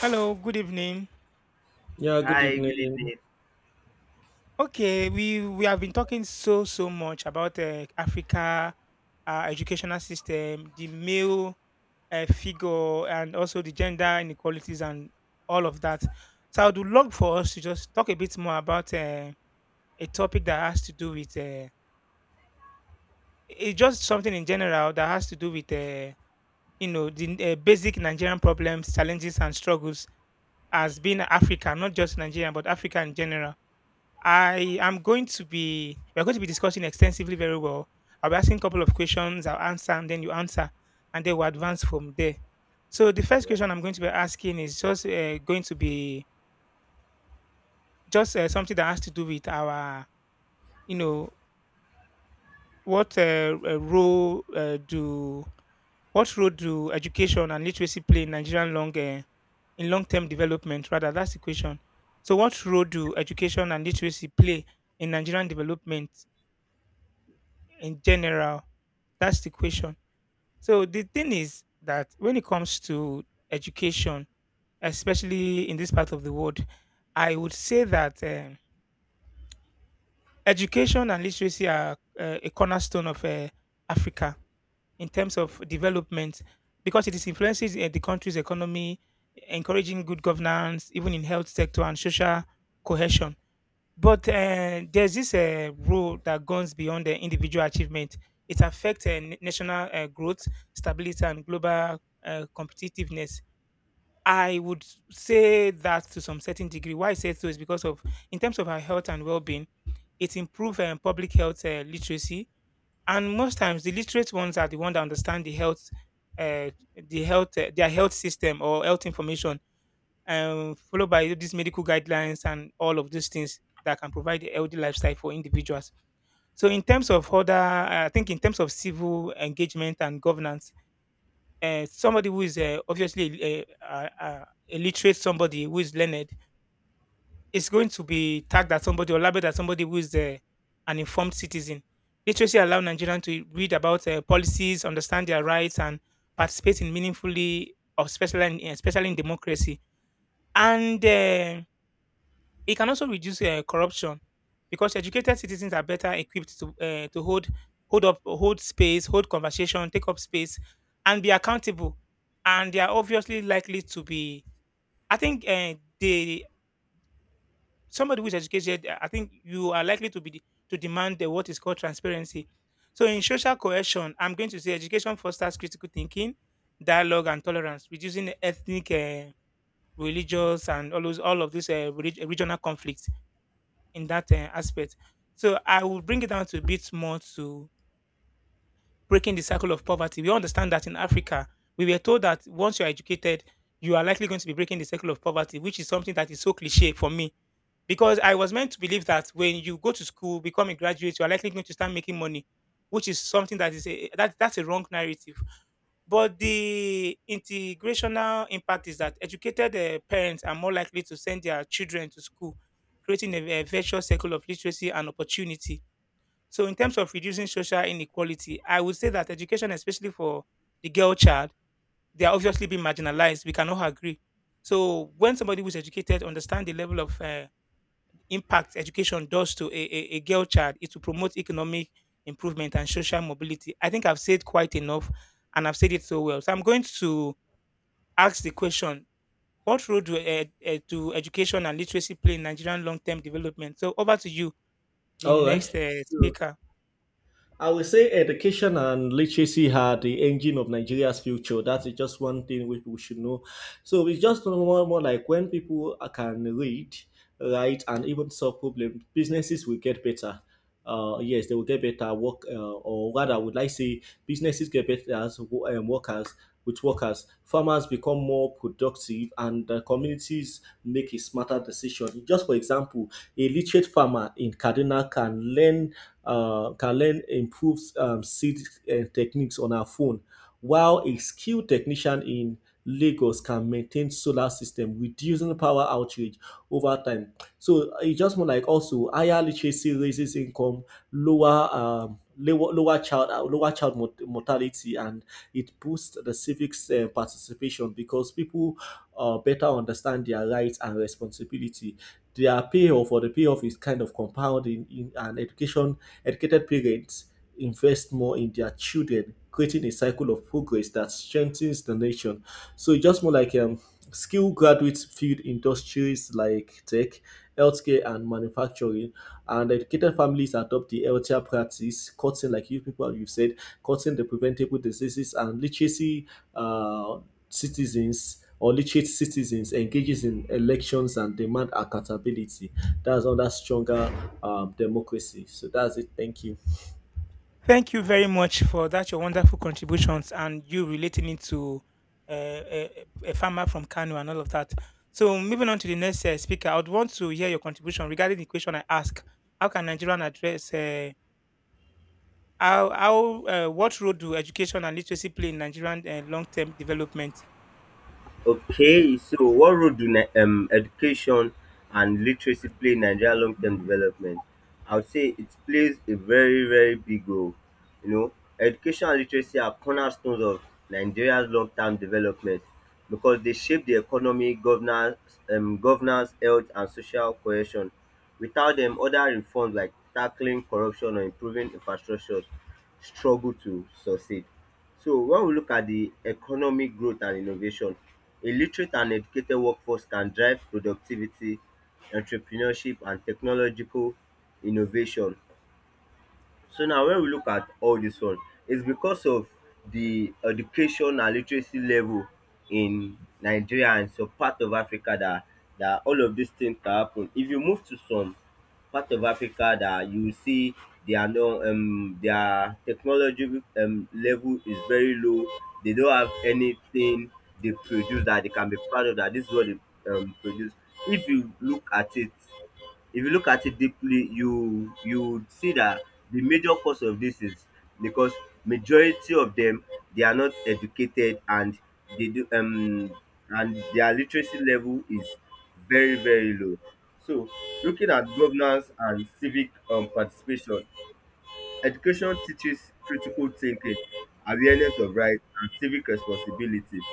Hello, good evening. Yeah, good Hi, good evening. evening. Okay, we have been talking so much about Africa, educational system, the male figure, and also the gender inequalities and all of that. So I would love for us to just talk a bit more about a topic that has to do with it's just something in general that has to do with you know the basic Nigerian problems, challenges, and struggles as being Africa, not just Nigeria, but Africa in general. I am going to be we're going to be discussing extensively very well. I'll be asking a couple of questions, I'll answer and then you answer and then we'll advance from there. So the first question I'm going to be asking is just going to be just something that has to do with our you know what role do what role do education and literacy play in Nigerian long in long term development? Rather, that's the question. So, what role do education and literacy play in Nigerian development? In general? That's the question. So the thing is that when it comes to education, especially in this part of the world, I would say that education and literacy are a cornerstone of Africa in terms of development because it is influences the country's economy, encouraging good governance, even in health sector and social cohesion. But there's this rule that goes beyond the individual achievement. It affects national growth, stability, and global competitiveness. I would say that to some certain degree. Why I say so is because of, in terms of our health and well-being, it improves public health literacy, and most times the literate ones are the ones that understand uh, the health, their health system or health information followed by these medical guidelines and all of these things that can provide a healthy lifestyle for individuals. So, in terms of other, I think in terms of civil engagement and governance, somebody who is obviously a literate, somebody who is learned, is going to be tagged as somebody or labeled as somebody who is an informed citizen. Literacy allows Nigerians to read about policies, understand their rights, and participate in meaningfully, of especially in democracy. And it can also reduce corruption because educated citizens are better equipped to hold hold conversation, take up space, and be accountable. And they are obviously likely to be. I think they Somebody who is educated. I think you are likely to demand the what is called transparency. So in social cohesion, I'm going to say education fosters critical thinking, dialogue, and tolerance, reducing ethnic. Religious and all of these regional conflicts in that aspect. So I will bring it down to a bit more to breaking the cycle of poverty. We understand that in Africa, we were told that once you're educated, you are likely going to be breaking the cycle of poverty, which is something that is so cliche for me. Because I was meant to believe that when you go to school, become a graduate, you are likely going to start making money, which is something that's a wrong narrative. But the integrational impact is that educated parents are more likely to send their children to school, creating a virtuous circle of literacy and opportunity. So, in terms of reducing social inequality, I would say that education, especially for the girl child, they are obviously being marginalized. We cannot agree. So, when somebody who is educated understands the level of impact education does to a girl child is to promote economic improvement and social mobility. I think I've said quite enough and I've said it so well. So I'm going to ask the question: what role do education and literacy play in Nigerian long term development? So over to you, the All next right. So, speaker. I would say education and literacy are the engine of Nigeria's future. That's just one thing which we should know. So it's just more like when people can read, write, and even solve problems, businesses will get better. Yes, they will get better work, or rather, would I say businesses get better as workers with workers. Farmers become more productive, and communities make a smarter decision. Just for example, a literate farmer in Kaduna can learn improved seed techniques on her phone, while a skilled technician in Lagos can maintain solar system, reducing power outage over time. So it's just more like also higher literacy raises income, lower child mortality, and it boosts the civics participation because people better understand their rights and responsibility. Their payoff or the payoff is kind of compounding in an education. Educated parents invest more in their children, creating a cycle of progress that strengthens the nation. So it's just more like skilled graduates field industries like tech, healthcare, and manufacturing. And educated families adopt the healthier practice, cutting, like you people you've said, cutting the preventable diseases and literacy uh, citizens or literate citizens engages in elections and demand accountability, that's under stronger democracy. So that's it. Thank you. Thank you very much for that, your wonderful contributions and you relating it to a farmer from Kano and all of that. So, moving on to the next speaker, I would want to hear your contribution regarding the question I asked. How can Nigerian address, how what role do education and literacy play in Nigerian long term development? Okay, so what role do education and literacy play in Nigeria long-term development? I would say it plays a very, very big role. You know, education and literacy are cornerstones of Nigeria's long-term development because they shape the economy, governance, health, and social cohesion. Without them, other reforms like tackling corruption or improving infrastructure struggle to succeed. So when we look at the economic growth and innovation, a literate and educated workforce can drive productivity, entrepreneurship and technological innovation. So now when we look at all dis one, it's because of the education and literacy level in Nigeria and some part of Africa dat dat all of dis thing can happen. If you move to some part of Africa dat you will see they are not their technology level is very low. They don't have anything they produce dat they can be proud of, dat dis is what they produce. If you look at it If you look at it deeply, you would see that the major cause of this is because majority of them, they are not educated and they do and their literacy level is very, very low. So looking at governance and civic participation, education teaches critical thinking, awareness of rights and civic responsibility.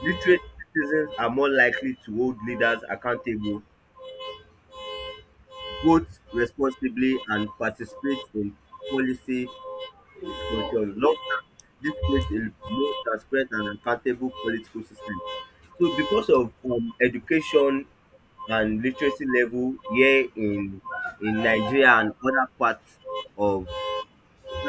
Literate citizens are more likely to hold leaders accountable, vote responsibly and participate in policy discussion. Long term, this creates a more transparent and accountable political system. So because of education and literacy level here in Nigeria and of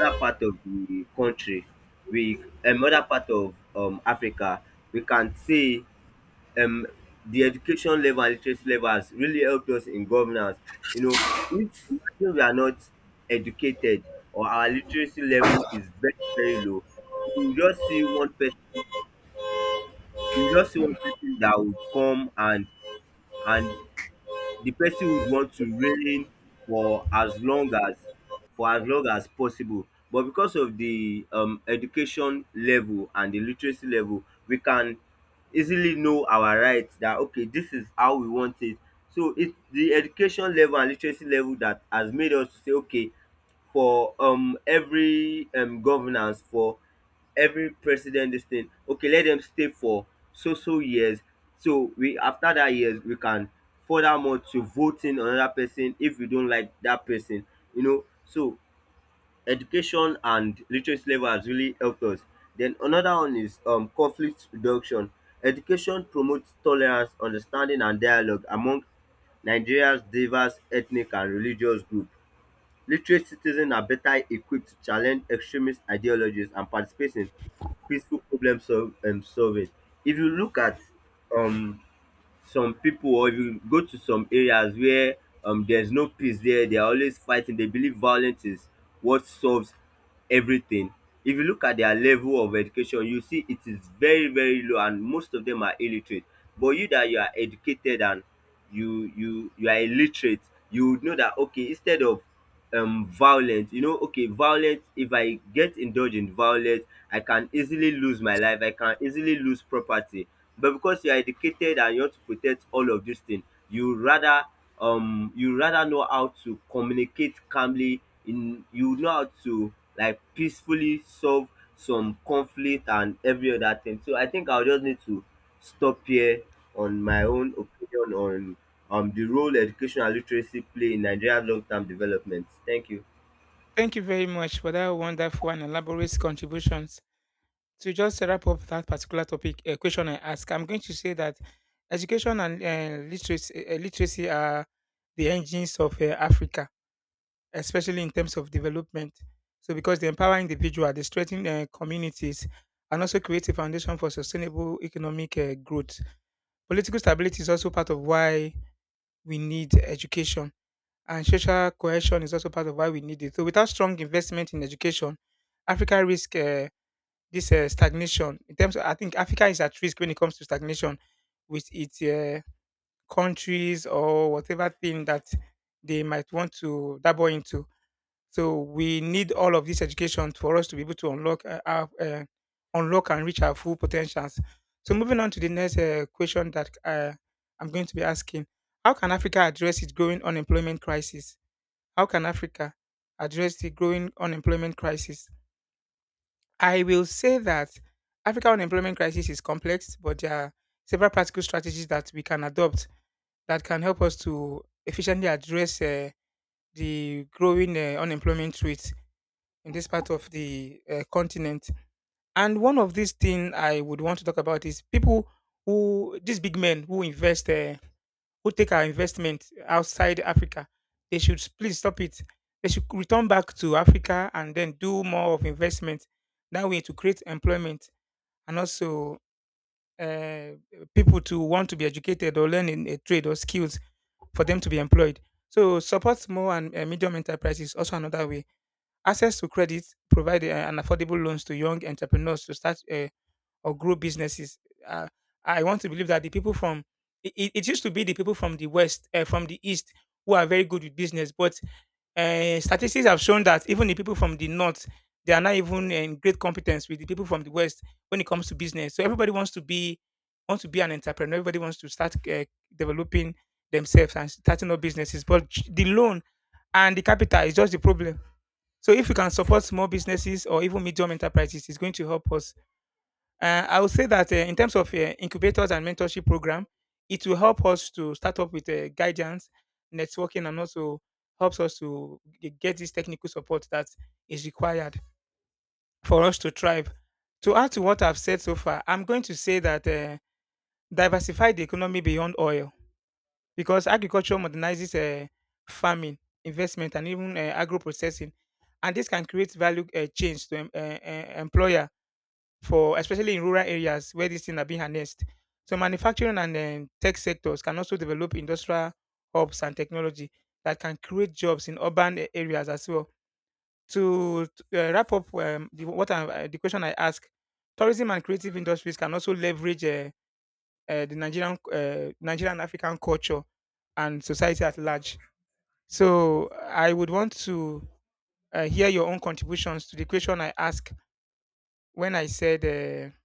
other part of the country, we other part of Africa, we can see um the education level and literacy level has really helped us in governance. You know, if imagine we are not educated or our literacy level is very, very low, you just see one person you just see one person that will come and the person would want to reign for as long as for as long as possible, but because of the education level and the literacy level, we can easily know our rights that okay this is how we want it. So it's the education level and literacy level that has made us to say okay for every governance, for every president this thing okay let them stay for so so years. So we after that years we can furthermore to voting another person if we don't like that person, you know. So education and literacy level has really helped us. Then another one is conflict reduction. Education promotes tolerance, understanding and dialogue among Nigeria's diverse ethnic and religious group. Literate citizens are better equipped to challenge extremist ideologies and participate in peaceful solving. If you look at um, some people, or if you go to some areas where there's no peace there, they are always fighting, they believe violence is what solves everything. If you look at their level of education, you see it is very, very low and most of them are illiterate. But you that you are educated and you are illiterate, you would know that okay, instead of violent, you know, okay, violent, if I get indulge in violence, I can easily lose my life, I can easily lose property. But because you are educated and you want to protect all of these things, you rather you rather know how to communicate calmly, in you know how to like peacefully solve some conflict and every other thing. So I think I'll just need to stop here on my own opinion on the role education and literacy play in Nigeria's long-term development. Thank you. Thank you very much for that wonderful and elaborate contributions. To just wrap up that particular topic question I asked, I'm going to say that education and literacy are the engines of Africa, especially in terms of development. So, because they empower individual, they strengthen communities, and also create a foundation for sustainable economic growth. Political stability is also part of why we need education, and social cohesion is also part of why we need it. So, without strong investment in education, Africa risk. This stagnation in terms of, I think Africa is at risk when it comes to stagnation with its countries or whatever thing that they might want to dabble into. So we need all of this education for us to be able to unlock unlock and reach our full potentials. So moving on to the next question that I'm going to be asking: how can Africa address its growing unemployment crisis? How can Africa address the growing unemployment crisis? I will say that Africa unemployment crisis is complex, but there are several practical strategies that we can adopt that can help us to efficiently address the growing unemployment rate in this part of the continent. And one of these things I would want to talk about is people who, these big men who who take our investment outside Africa, they should please stop it. They should return back to Africa and then do more of investment. That way to create employment and also uh, people to want to be educated or learn in a trade or skills for them to be employed. So support small and medium enterprises also another way. Access to credit, provide an affordable loans to young entrepreneurs to start or grow businesses. Uh, I want to believe that the people from it used to be the people from the west, from the east, who are very good with business, but statistics have shown that even the people from the north, they are not even in great competence with the people from the west when it comes to business. So everybody wants to be an entrepreneur. Everybody wants to start developing themselves and starting up businesses. But the loan and the capital is just the problem. So if we can support small businesses or even medium enterprises, it's going to help us. I would say that in terms of incubators and mentorship program, it will help us to start up with guidance, networking, and also helps us to get this technical support that is required for us to thrive. To add to what I've said so far, I'm going to say that diversify the economy beyond oil because agriculture modernizes farming, investment, and even agro processing, and this can create value change to employers for especially in rural areas where these things are being harnessed. So manufacturing and tech sectors can also develop industrial hubs and technology that can create jobs in urban areas as well. To wrap up the question I asked, tourism and creative industries can also leverage Nigerian African culture and society at large. So I would want to hear your own contributions to the question I asked when I said.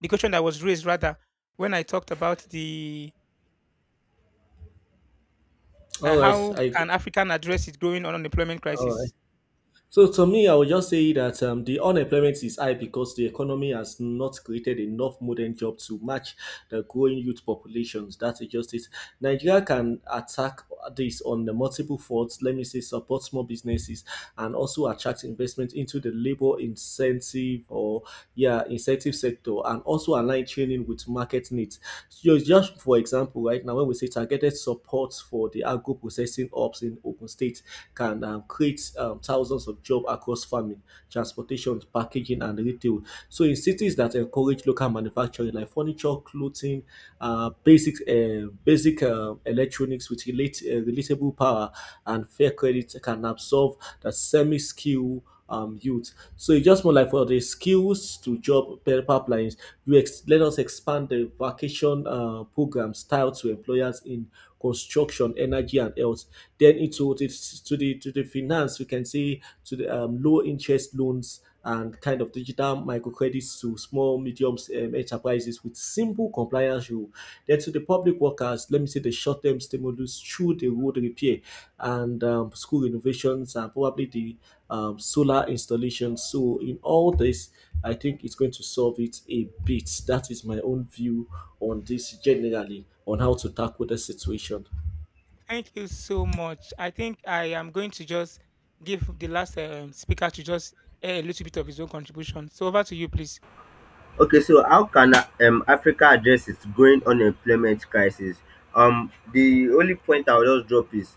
The question that was raised rather when I talked about the All right. how can African address its growing unemployment all crisis. right. So to me, I would just say that the unemployment is high because the economy has not created enough modern jobs to match the growing youth populations. That's just it. Nigeria can attack this on the multiple fronts. Let me say support small businesses and also attract investment into the labor incentive or yeah incentive sector, and also align training with market needs. So just for example, right now when we say targeted support for the agro processing ops in Ogun State can create thousands of jobs across farming, transportation, packaging, and retail. So in cities that encourage local manufacturing like furniture, clothing, basic electronics with relatable power and fair credit can absorb the semi-skill youth. So it's just more like for the skills to job pipelines. Let us expand the vacation program style to employers in construction, energy, and health. Then into the finance, we can say to the low interest loans and kind of digital microcredits to small, medium enterprises with simple compliance rule. Then to the public workers, let me say the short-term stimulus through the road repair and school renovations and probably the solar installation. So in all this, I think it's going to solve it a bit. That is my own view on this generally on how to tackle the situation. Thank you so much. I think I am going to just give the last speaker to just air a little bit of his own contribution. So over to you, please. Okay, so how can Africa address its growing unemployment crisis? The only point I will just drop is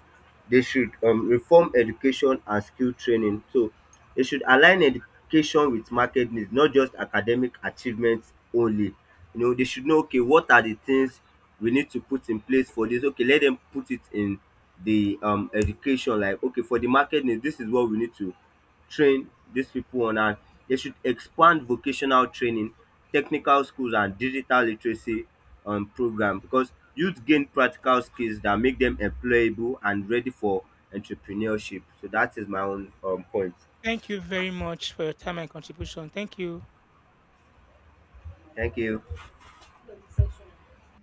they should reform education and skill training. So they should align education with market needs, not just academic achievements only. You know, they should know okay what are the things we need to put in place for this. Okay, let them put it in the education like okay for the market needs, this is what we need to train these people on. And they should expand vocational training, technical schools and digital literacy program because youth gain practical skills that make them employable and ready for entrepreneurship. So that is my own point. Thank you very much for your time and contribution. Thank you. Thank you.